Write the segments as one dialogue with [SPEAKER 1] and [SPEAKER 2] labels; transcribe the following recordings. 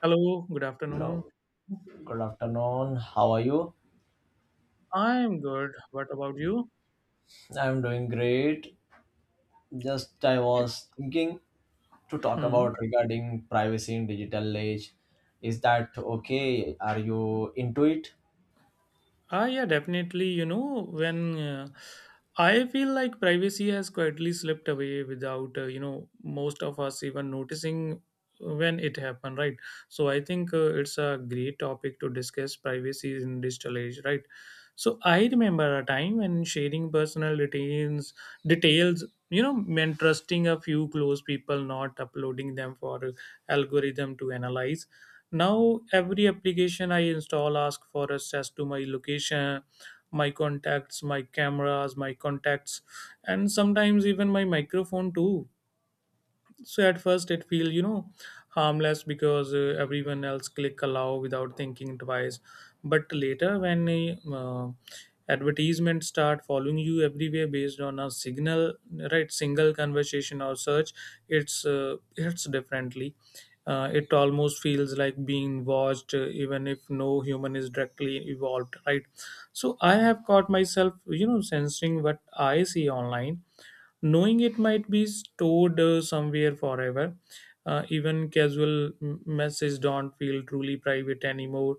[SPEAKER 1] Hello, good afternoon.
[SPEAKER 2] Hello. Good afternoon. How are you?
[SPEAKER 1] I'm good. What about you?
[SPEAKER 2] I'm doing great. Just I was thinking to talk about
[SPEAKER 1] Hmm.
[SPEAKER 2] regarding privacy in digital age. Is that okay? Are you into it?
[SPEAKER 1] Ah, yeah, definitely. You know, when I feel like privacy has quietly slipped away without, most of us even noticing when it happened, right? So I think it's a great topic to discuss privacy in digital age, right? So I remember a time when sharing personal details, meant trusting a few close people, not uploading them for algorithm to analyze. Now every application I install asks for access to my location, my contacts, my cameras, my contacts, and sometimes even my microphone too. So at first it feels harmless because everyone else click allow without thinking twice, but later, when uh, advertisements start following you everywhere based on a signal. Right, single conversation or search. It's differently. It almost feels like being watched, even if no human is directly involved, right? So I have caught myself, sensing what I see online, knowing it might be stored somewhere forever. Even casual messages don't feel truly private anymore.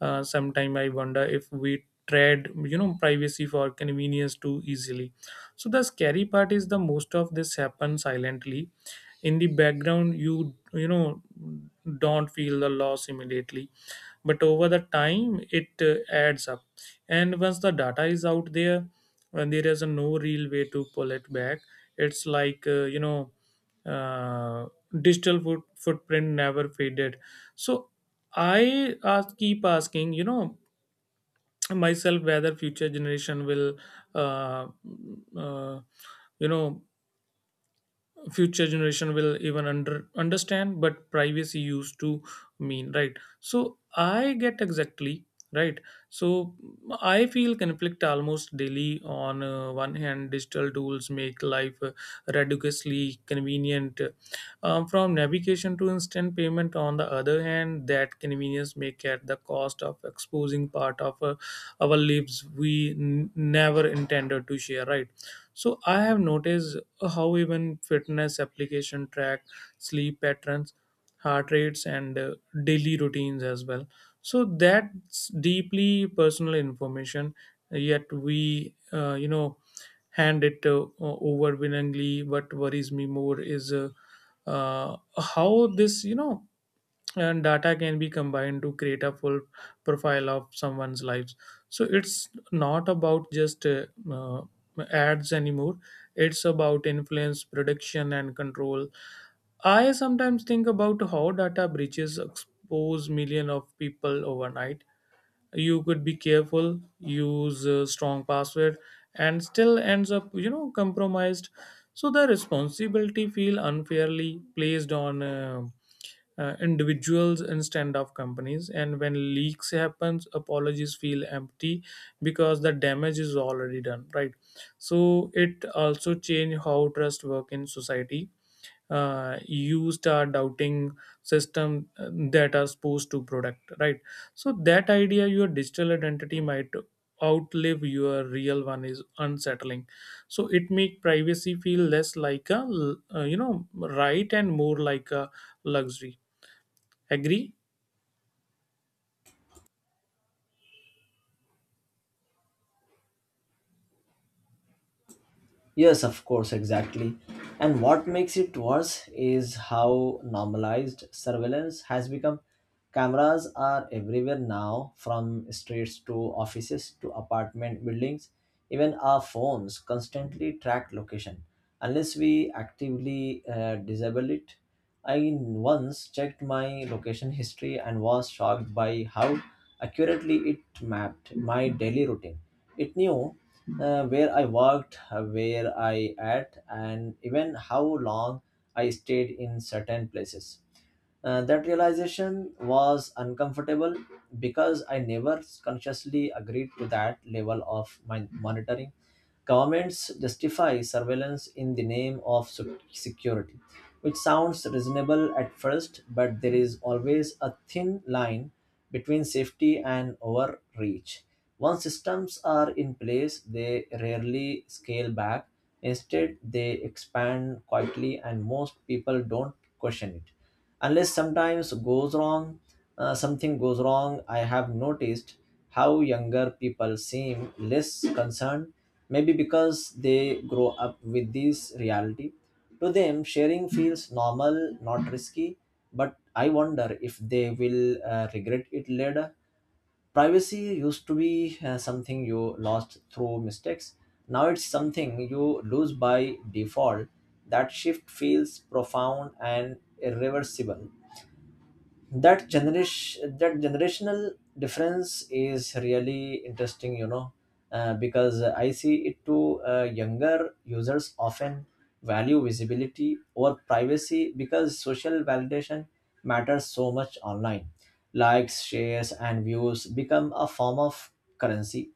[SPEAKER 1] Sometimes I wonder if we trade privacy for convenience too easily. So the scary part is the most of this happens silently. In the background, you know don't feel the loss immediately, but over the time it adds up. And once the data is out there, and there is a no real way to pull it back. It's like uh, digital footprint never faded. So I keep asking, myself whether future generation uh, uh, you know will even understand but privacy used to mean, right? So I get exactly. Right. So I feel conflict almost daily. On one hand, digital tools make life ridiculously convenient, from navigation to instant payment. On the other hand, that convenience may at the cost of exposing part of our lives we never intended to share, right? So I have noticed how even fitness application track sleep patterns, heart rates, and daily routines as well. So that's deeply personal information, yet we, hand it over willingly. What worries me more is how this, and data can be combined to create a full profile of someone's life. So it's not about just uh, ads anymore. It's about influence, prediction, and control. I sometimes think about how data breaches expose millions of people overnight. You could be careful, use a strong password, and still ends up, compromised. So the responsibility feel unfairly placed on individuals instead of companies, and when leaks happens, apologies feel empty because the damage is already done, right? So it also change how trust work in society. Used our doubting system that are supposed to protect, right? So that idea your digital identity might outlive your real one is unsettling. So it make privacy feel less like a right, and more like a luxury. Agree?
[SPEAKER 2] Yes, of course, exactly. And what makes it worse is how normalized surveillance has become. Cameras are everywhere now, from streets to offices to apartment buildings. Even our phones constantly track location, unless we actively disable it. I once checked my location history and was shocked by how accurately it mapped my daily routine. It knew where I worked, where I ate, and even how long I stayed in certain places. That realization was uncomfortable because I never consciously agreed to that level of my monitoring. Governments justify surveillance in the name of security, which sounds reasonable at first, but there is always a thin line between safety and overreach. Once systems are in place, they rarely scale back. Instead, they expand quietly, and most people don't question it unless sometimes goes wrong something goes wrong. I have noticed how younger people seem less concerned, maybe because they grow up with this reality. To them sharing feels normal, not risky, but I wonder if they will regret it later. Privacy used to be something you lost through mistakes. Now it's something you lose by default. That shift feels profound and irreversible. That generational difference is really interesting. Because I see it too. Younger users often value visibility over privacy because social validation matters so much online. Likes, shares, and views become a form of currency.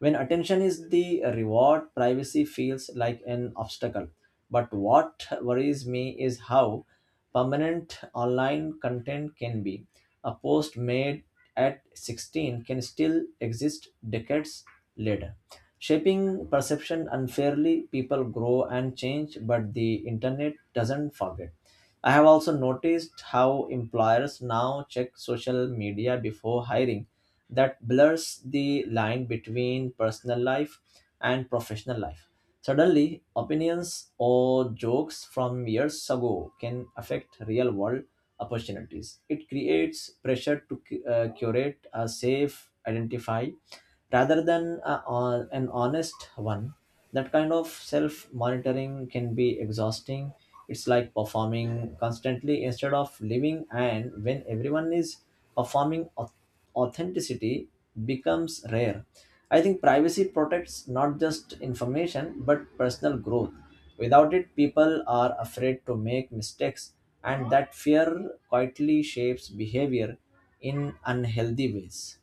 [SPEAKER 2] When attention is the reward, privacy feels like an obstacle. But what worries me is how permanent online content can be. A post made at 16 can still exist decades later. Shaping perception unfairly, people grow and change, but the internet doesn't forget. I have also noticed how employers now check social media before hiring. That blurs the line between personal life and professional life. Suddenly, opinions or jokes from years ago can affect real world opportunities. It creates pressure to curate a safe, identify rather than an honest one. That kind of self monitoring can be exhausting. It's like performing constantly instead of living, and when everyone is performing, authenticity becomes rare. I think privacy protects not just information but personal growth. Without it, people are afraid to make mistakes, and that fear quietly shapes behavior in unhealthy ways.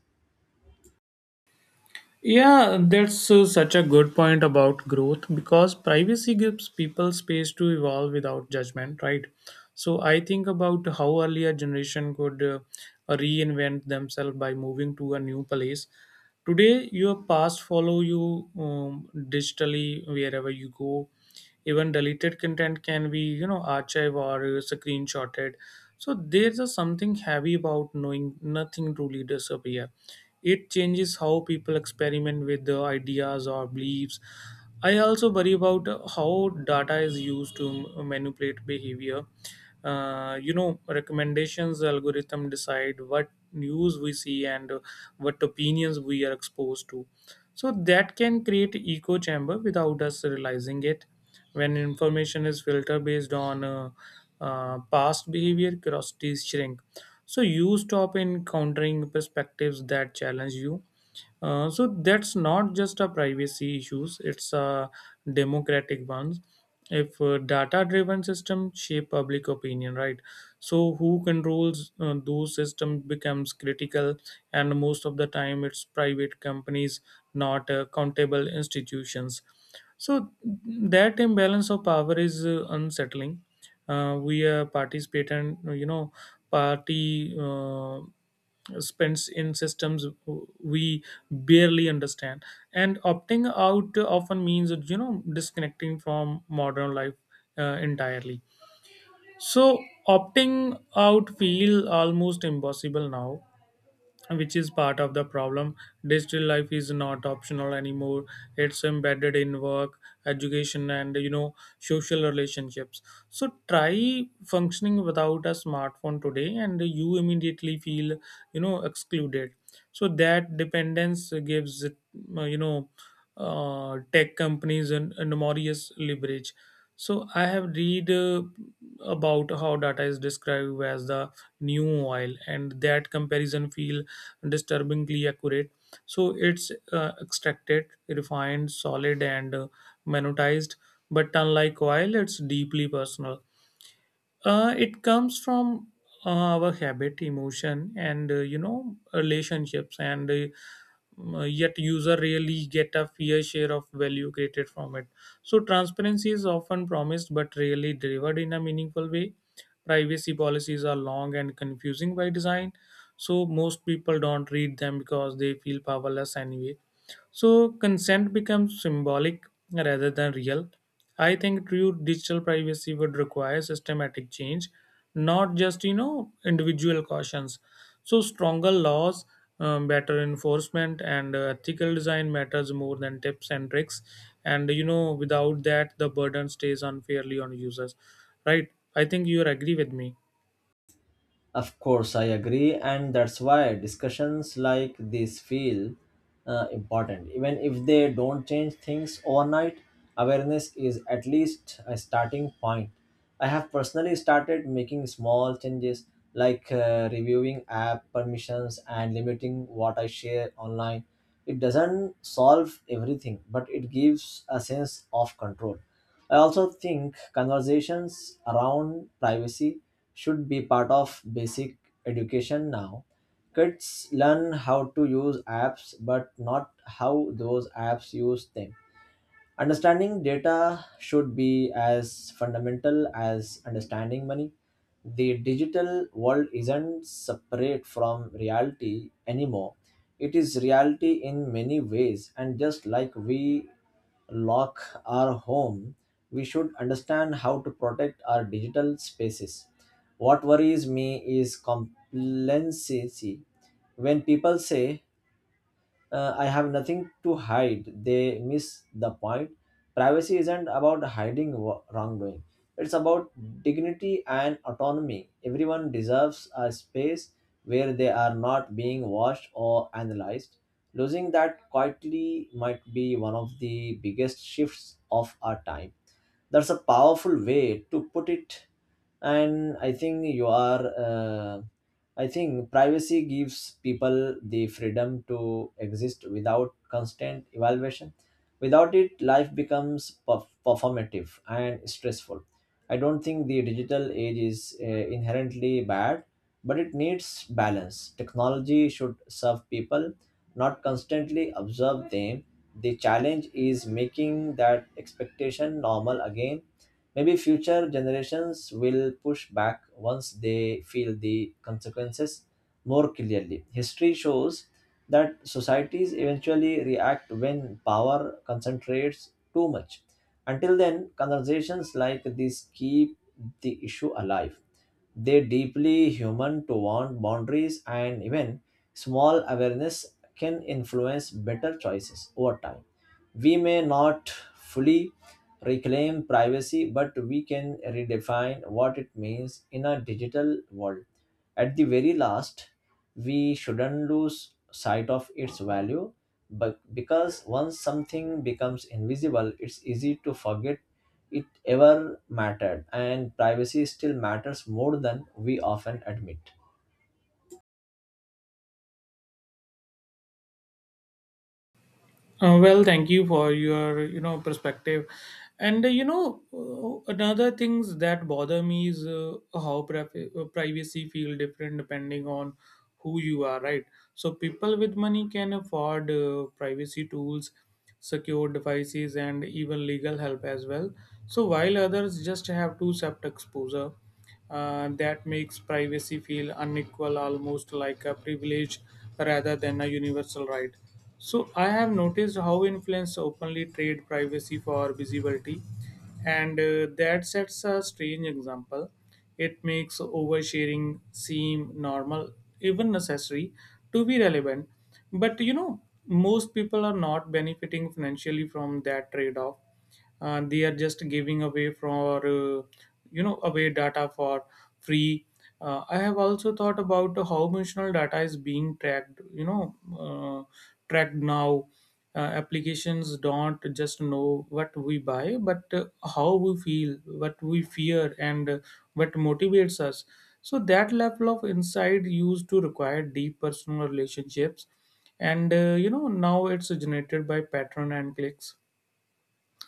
[SPEAKER 1] Yeah, that's such a good point about growth, because privacy gives people space to evolve without judgment, right? So I think about how earlier generation could reinvent themselves by moving to a new place. Today, your past follow you digitally wherever you go. Even deleted content can be, archived or screenshotted. So there's a something heavy about knowing nothing truly disappear. It changes how people experiment with the ideas or beliefs. I also worry about how data is used to manipulate behavior. Recommendations algorithm decide what news we see and what opinions we are exposed to. So that can create echo chamber without us realizing it. When information is filtered based on past behavior, curiosities shrink. So you stop encountering perspectives that challenge you. So that's not just a privacy issues; it's a democratic ones. If data-driven system shape public opinion, right? So who controls those systems becomes critical, and most of the time it's private companies, not countable institutions. So that imbalance of power is unsettling. We are participant, party. Spends in systems we barely understand, and opting out often means, disconnecting from modern life entirely. So opting out feel almost impossible now, which is part of the problem. Digital life is not optional anymore. It's embedded in work, education, and social relationships. So try functioning without a smartphone today, and you immediately feel, excluded. So that dependence gives tech companies an enormous leverage. So I have read about how data is described as the new oil, and that comparison feel disturbingly accurate. So it's extracted, refined, solid, and monetized. But unlike oil, it's deeply personal. It comes from our habit, emotion, and relationships, and yet user really get a fair share of value created from it. So transparency is often promised but rarely delivered in a meaningful way. Privacy policies are long and confusing by design, so most people don't read them because they feel powerless anyway. So consent becomes symbolic rather than real. I think true digital privacy would require systematic change, not just individual cautions. So stronger laws, better enforcement, and ethical design matters more than tips and tricks. And without that, the burden stays unfairly on users. Right? I think you agree with me.
[SPEAKER 2] Of course, I agree, and that's why discussions like this feel important. Even if they don't change things overnight, awareness is at least a starting point. I have personally started making small changes, like reviewing app permissions and limiting what I share online. It doesn't solve everything, but it gives a sense of control. I also think conversations around privacy should be part of basic education now. Kids learn how to use apps, but not how those apps use them. Understanding data should be as fundamental as understanding money. The digital world isn't separate from reality anymore. It is reality in many ways, and just like we lock our home, we should understand how to protect our digital spaces. What worries me is complacency. When people say, I have nothing to hide, they miss the point. Privacy isn't about hiding wrongdoing, it's about dignity and autonomy. Everyone deserves a space where they are not being watched or analyzed. Losing that quietly might be one of the biggest shifts of our time. That's a powerful way to put it, and I think you are. I think privacy gives people the freedom to exist without constant evaluation. Without it, life becomes performative and stressful. I don't think the digital age is inherently bad, but it needs balance. Technology should serve people, not constantly observe them. The challenge is making that expectation normal again. Maybe future generations will push back once they feel the consequences more clearly. History shows that societies eventually react when power concentrates too much. Until then, conversations like this keep the issue alive. They deeply human to want boundaries, and even small awareness can influence better choices over time. We may not fully reclaim privacy, but we can redefine what it means in a digital world. At the very last, we shouldn't lose sight of its value, but because once something becomes invisible, it's easy to forget it ever mattered. And privacy still matters more than we often admit.
[SPEAKER 1] Well, thank you for your perspective, and another things that bother me is how privacy feel different depending on who you are, right? So people with money can afford privacy tools, secure devices, and even legal help as well. So while others just have to accept exposure, that makes privacy feel unequal, almost like a privilege rather than a universal right. So, I have noticed how influence openly trade privacy for visibility, and that sets a strange example. It makes oversharing seem normal, even necessary, to be relevant. But most people are not benefiting financially from that trade off. They are just giving away data for free. I have also thought about how emotional data is being tracked you know uh, tracked now. Applications don't just know what we buy, but how we feel, what we fear, and what motivates us. So that level of insight used to require deep personal relationships, and now it's generated by pattern and clicks.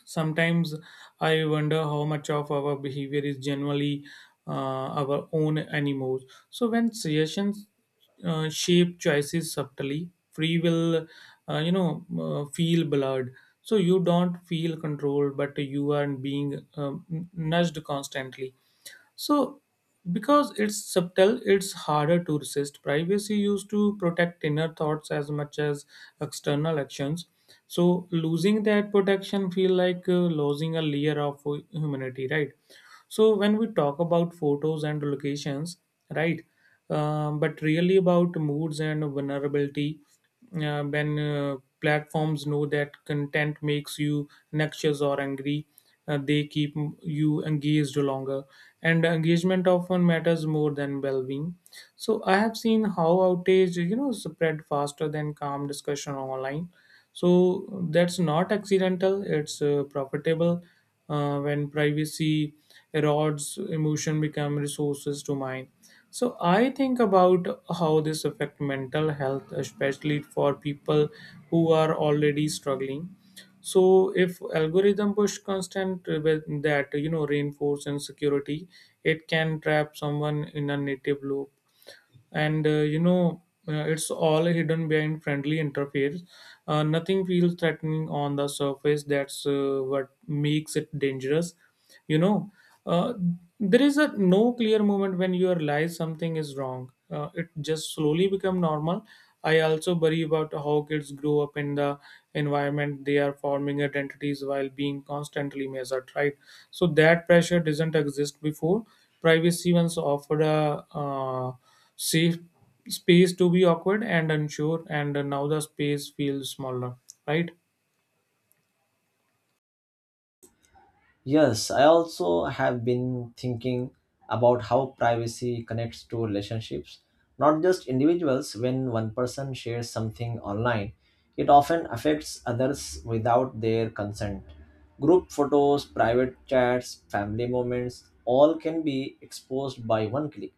[SPEAKER 1] Sometimes I wonder how much of our behavior is generally uh, our own anymore. So when suggestions shape choices subtly, free will feel blurred. So you don't feel controlled, but you are being nudged constantly. So, because it's subtle, it's harder to resist. Privacy used to protect inner thoughts as much as external actions. So, losing that protection feel like losing a layer of humanity, right? So when we talk about photos and locations, right, but really about moods and vulnerability. When platforms know that content makes you anxious or angry, they keep you engaged longer, and engagement often matters more than well-being. So I have seen how outage, spread faster than calm discussion online. So that's not accidental, it's profitable. When privacy erodes, emotion become resources to mine. So I think about how this affect mental health, especially for people who are already struggling. So if algorithm push constant with that, reinforce insecurity, it can trap someone in a native loop. And it's all hidden behind friendly interface. Nothing feels threatening on the surface, that's what makes it dangerous. you know uh, there is a no clear moment when you realize something is wrong, it just slowly become normal. I also worry about how kids grow up in the environment. They are forming identities while being constantly measured, right? So that pressure doesn't exist before. Privacy once offered a safe space to be awkward and unsure, and now the space feels smaller, right?
[SPEAKER 2] Yes, I also have been thinking about how privacy connects to relationships, not just individuals. When one person shares something online, it often affects others without their consent. Group photos, private chats, family moments, all can be exposed by one click.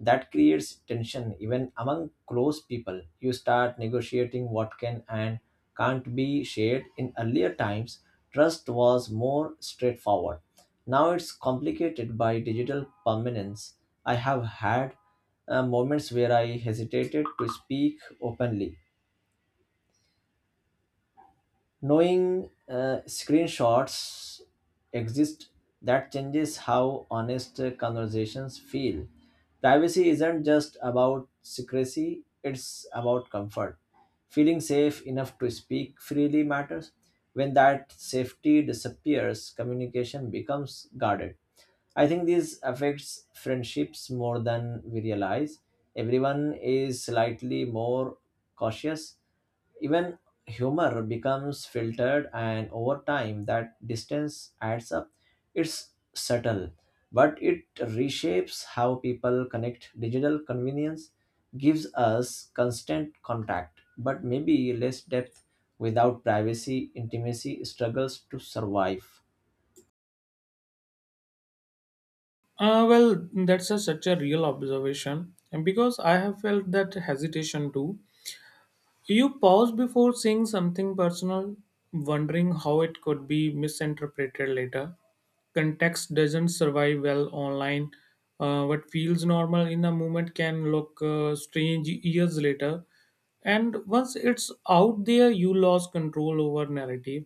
[SPEAKER 2] That creates tension even among close people. You start negotiating what can and can't be shared. In earlier times, trust was more straightforward. Now it's complicated by digital permanence. I have had moments where I hesitated to speak openly, knowing screenshots exist. That changes how honest conversations feel. Privacy isn't just about secrecy, it's about comfort. Feeling safe enough to speak freely matters. When that safety disappears, communication becomes guarded. I think this affects friendships more than we realize. Everyone is slightly more cautious. Even humor becomes filtered, and over time, that distance adds up. It's subtle, but it reshapes how people connect. Digital convenience gives us constant contact, but maybe less depth. Without privacy, intimacy struggles to survive.
[SPEAKER 1] Well, that's such a real observation, and because I have felt that hesitation too. You pause before saying something personal, wondering how it could be misinterpreted later. Context doesn't survive well online. What feels normal in a moment can look strange years later. And once it's out there, you lose control over narrative.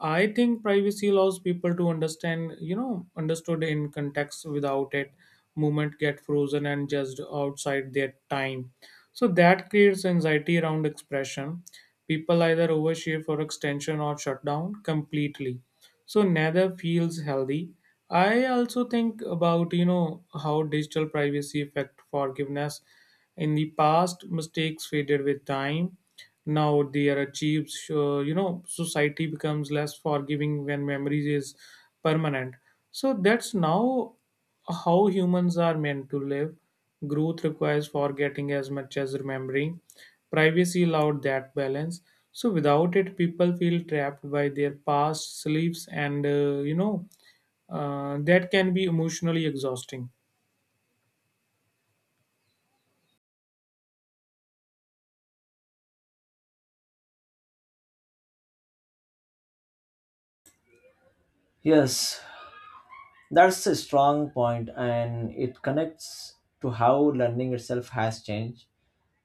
[SPEAKER 1] I think privacy allows people to understand, you know, understood in context. Without it, movement get frozen and just outside their time. So that creates anxiety around expression. People either overshare for extension or shut down completely. So neither feels healthy. I also think about, how digital privacy affect forgiveness in the past, mistakes faded with time. Now they are achieved. So society becomes less forgiving when memories is permanent. So that's now how humans are meant to live. Growth requires forgetting as much as remembering. Privacy allowed that balance. So without it, people feel trapped by their past, sleeps, and that can be emotionally exhausting.
[SPEAKER 2] Yes, that's a strong point, and it connects to how learning itself has changed.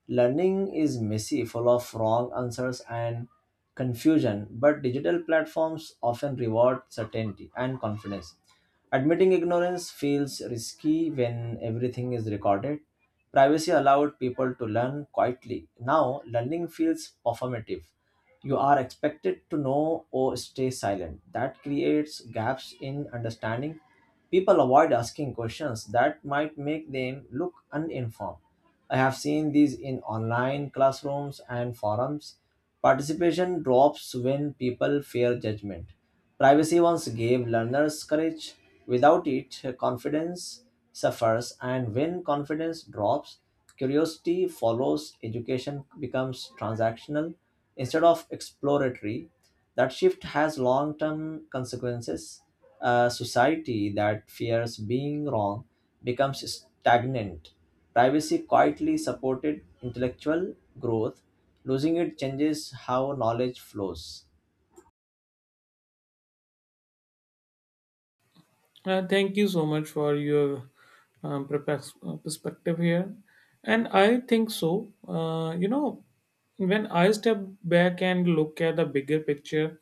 [SPEAKER 2] Learning is messy, full of wrong answers and confusion, but digital platforms often reward certainty and confidence. Admitting ignorance feels risky when everything is recorded. Privacy allowed people to learn quietly. Now, learning feels performative. You are expected to know or stay silent. That creates gaps in understanding. People avoid asking questions that might make them look uninformed. I have seen these in online classrooms and forums. Participation drops when people fear judgment. Privacy once gave learners courage. Without it, confidence suffers, and when confidence drops, curiosity follows. Education becomes transactional instead of exploratory. That shift has long term consequences. A society that fears being wrong becomes stagnant. Privacy quietly supported intellectual growth. Losing it changes how knowledge flows.
[SPEAKER 1] Thank you so much for your perspective here. And I think so. When I step back and look at the bigger picture,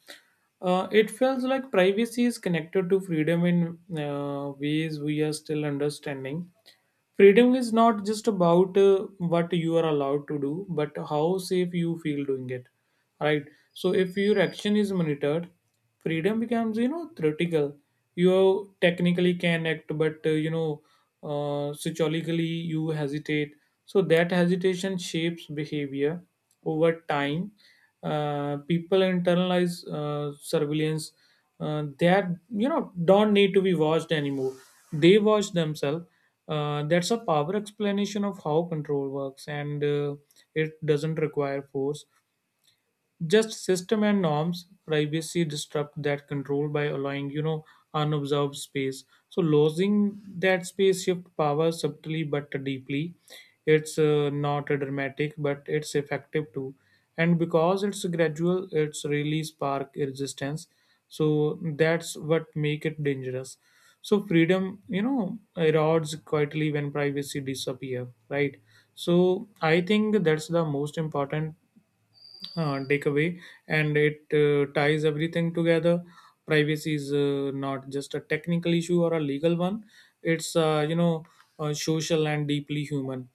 [SPEAKER 1] it feels like privacy is connected to freedom in ways we are still understanding. Freedom is not just about what you are allowed to do, but how safe you feel doing it. Right. So if your action is monitored, freedom becomes theoretical. You technically can act, but psychologically you hesitate. So that hesitation shapes behavior over time. People internalize surveillance that don't need to be watched anymore. They watch themselves. That's a power explanation of how control works, and it doesn't require force, just system and norms. Privacy disrupt that control by allowing unobserved space. So losing that space shift power subtly but deeply. It's not dramatic, but it's effective too, and because it's gradual, it's really spark resistance. So that's what make it dangerous. So freedom erodes quietly when privacy disappear, right? So I think that's the most important takeaway, and it ties everything together. Privacy is not just a technical issue or a legal one. It's social and deeply human.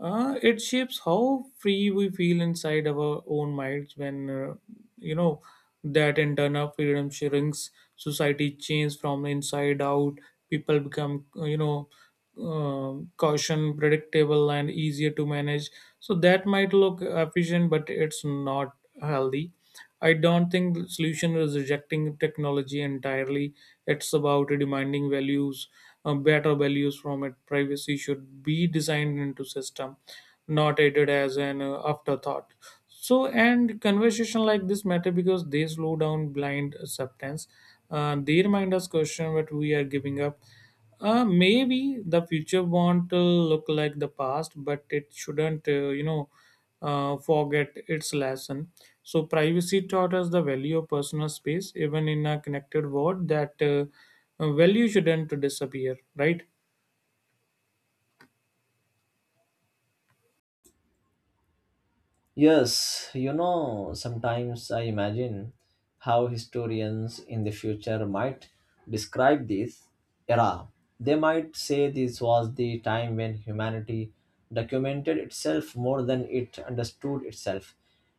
[SPEAKER 1] It shapes how free we feel inside our own minds. When uh, you know that internal freedom shrinks, society changes from inside out. People become caution, predictable, and easier to manage. So that might look efficient, but it's not healthy. I don't think the solution is rejecting technology entirely. It's about demanding values, better values from it. Privacy should be designed into system, not added as an afterthought. So and conversation like this matter because they slow down blind acceptance. They remind us question what we are giving up. Maybe the future won't look like the past, but it shouldn't, forget its lesson. So, privacy taught us the value of personal space, even in a connected world. That value shouldn't disappear, right?
[SPEAKER 2] Yes, sometimes I imagine how historians in the future might describe this era. They might say this was the time when humanity documented itself more than it understood itself.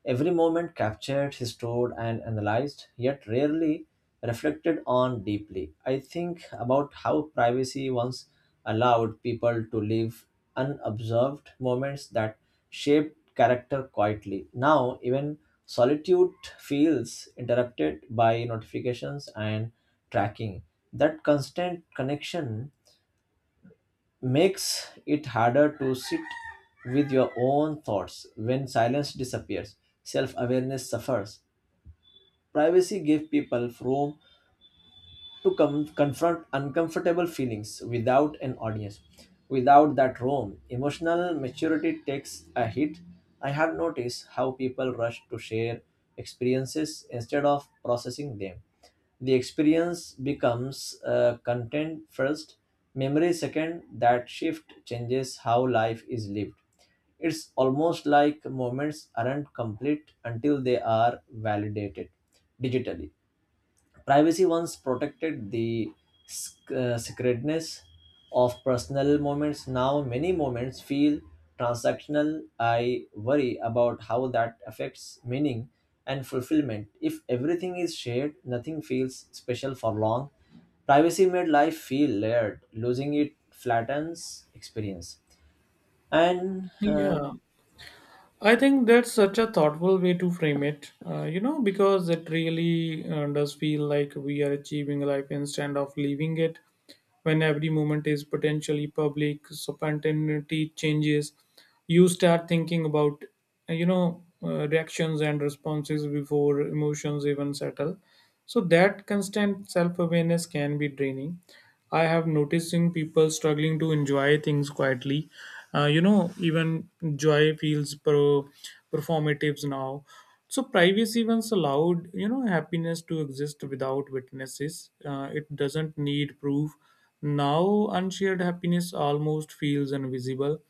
[SPEAKER 2] Every moment captured, stored, and analyzed, yet rarely reflected on deeply. I think about how privacy once allowed people to live unobserved moments that shaped character quietly. Now, even solitude feels interrupted by notifications and tracking. That constant connection makes it harder to sit with your own thoughts. When silence disappears, self awareness suffers. Privacy gives people room to confront uncomfortable feelings without an audience. Without that room, emotional maturity takes a hit. I have noticed how people rush to share experiences instead of processing them. The experience becomes content first, memory second. That shift changes how life is lived. It's almost like moments aren't complete until they are validated digitally. Privacy once protected the sacredness of personal moments. Now, many moments feel transactional. I worry about how that affects meaning and fulfillment. If everything is shared, nothing feels special for long. Privacy made life feel layered. Losing it flattens experience. And.
[SPEAKER 1] Yeah. I think that's such a thoughtful way to frame it, because it really does feel like we are achieving life instead of living it. When every moment is potentially public, so spontaneity changes, you start thinking about reactions and responses before emotions even settle. So that constant self-awareness can be draining. I have noticed in people struggling to enjoy things quietly. Even joy feels performatives now. So privacy once allowed, happiness to exist without witnesses. It doesn't need proof. Now unshared happiness almost feels invisible.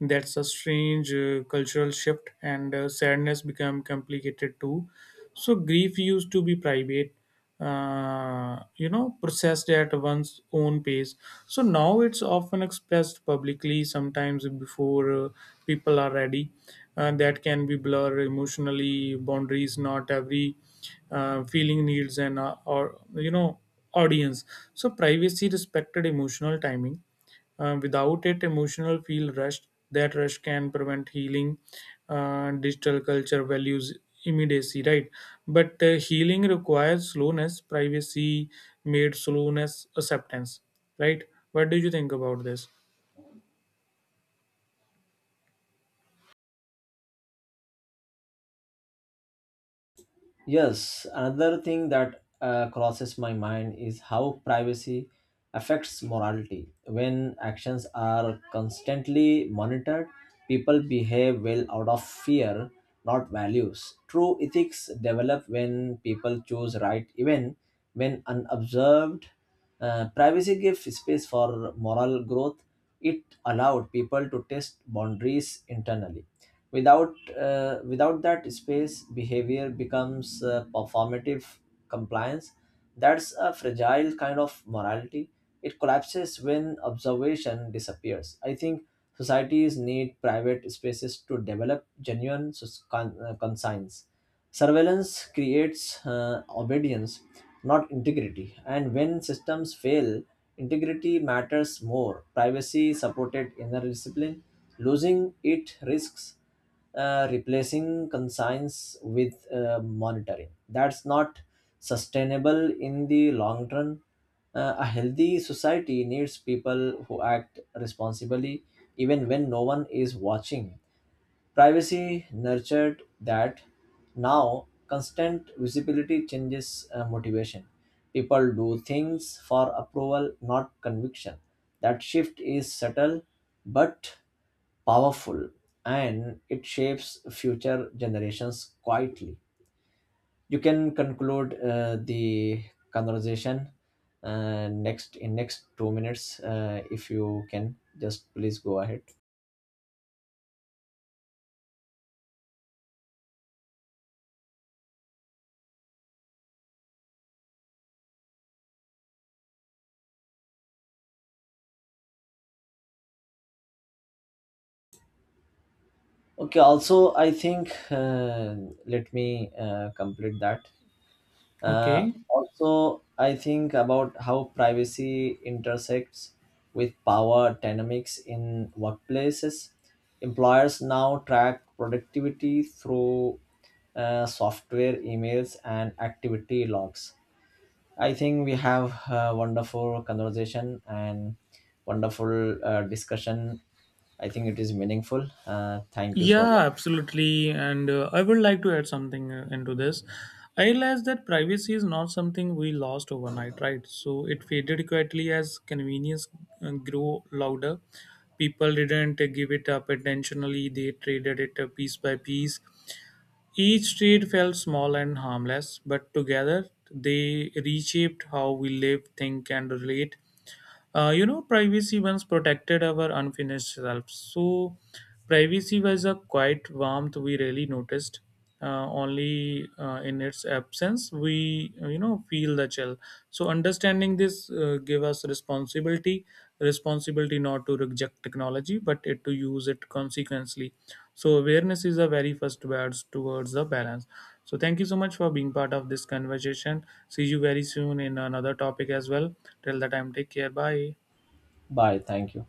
[SPEAKER 1] That's a strange cultural shift, and sadness become complicated too. So grief used to be private, processed at one's own pace. So now it's often expressed publicly, sometimes before people are ready. That can be blur emotionally boundaries. Not every feeling needs an or you know audience. So privacy respected emotional timing. Without it, emotional feel rushed. That rush can prevent healing. Digital culture values immediacy, right? But healing requires slowness. Privacy made slowness acceptance, right? What do you think about this?
[SPEAKER 2] Yes, another thing that crosses my mind is how privacy affects morality. When actions are constantly monitored, people behave well out of fear, not values. True ethics develop when people choose right, even when unobserved. Privacy gives space for moral growth. It allowed people to test boundaries internally, without without that space behavior becomes performative compliance. That's a fragile kind of morality. It collapses when observation disappears. I think societies need private spaces to develop genuine conscience. Surveillance creates obedience, not integrity. And when systems fail, integrity matters more. Privacy supported inner discipline. Losing it risks replacing conscience with monitoring. That's not sustainable in the long run. A healthy society needs people who act responsibly even when no one is watching. Privacy nurtured that. Now, constant visibility changes motivation. People do things for approval, not conviction. That shift is subtle but powerful, and it shapes future generations quietly. You can conclude the conversation next in next 2 minutes, if you can just please go ahead. Okay, also, I think, let me complete that. Uh,
[SPEAKER 1] Okay.
[SPEAKER 2] also, I think about how privacy intersects with power dynamics in workplaces. Employers now track productivity through software, emails, and activity logs. I think we have a wonderful conversation and wonderful discussion. I think it is meaningful. Thank you so
[SPEAKER 1] Yeah,
[SPEAKER 2] much.
[SPEAKER 1] absolutely. And I would like to add something into this. I realized that privacy is not something we lost overnight, right? So it faded quietly as convenience grew louder. People didn't give it up intentionally, they traded it piece by piece. Each trade felt small and harmless, but together they reshaped how we live, think, and relate. Privacy once protected our unfinished selves. So, privacy was a quiet warmth we rarely noticed. Only in its absence we, feel the chill. So, understanding this gave us responsibility, responsibility not to reject technology but it to use it consequently. So awareness is the very first words towards the balance. So thank you so much for being part of this conversation. See you very soon in another topic as well. Till the time, take care. Bye.
[SPEAKER 2] Bye. Thank you.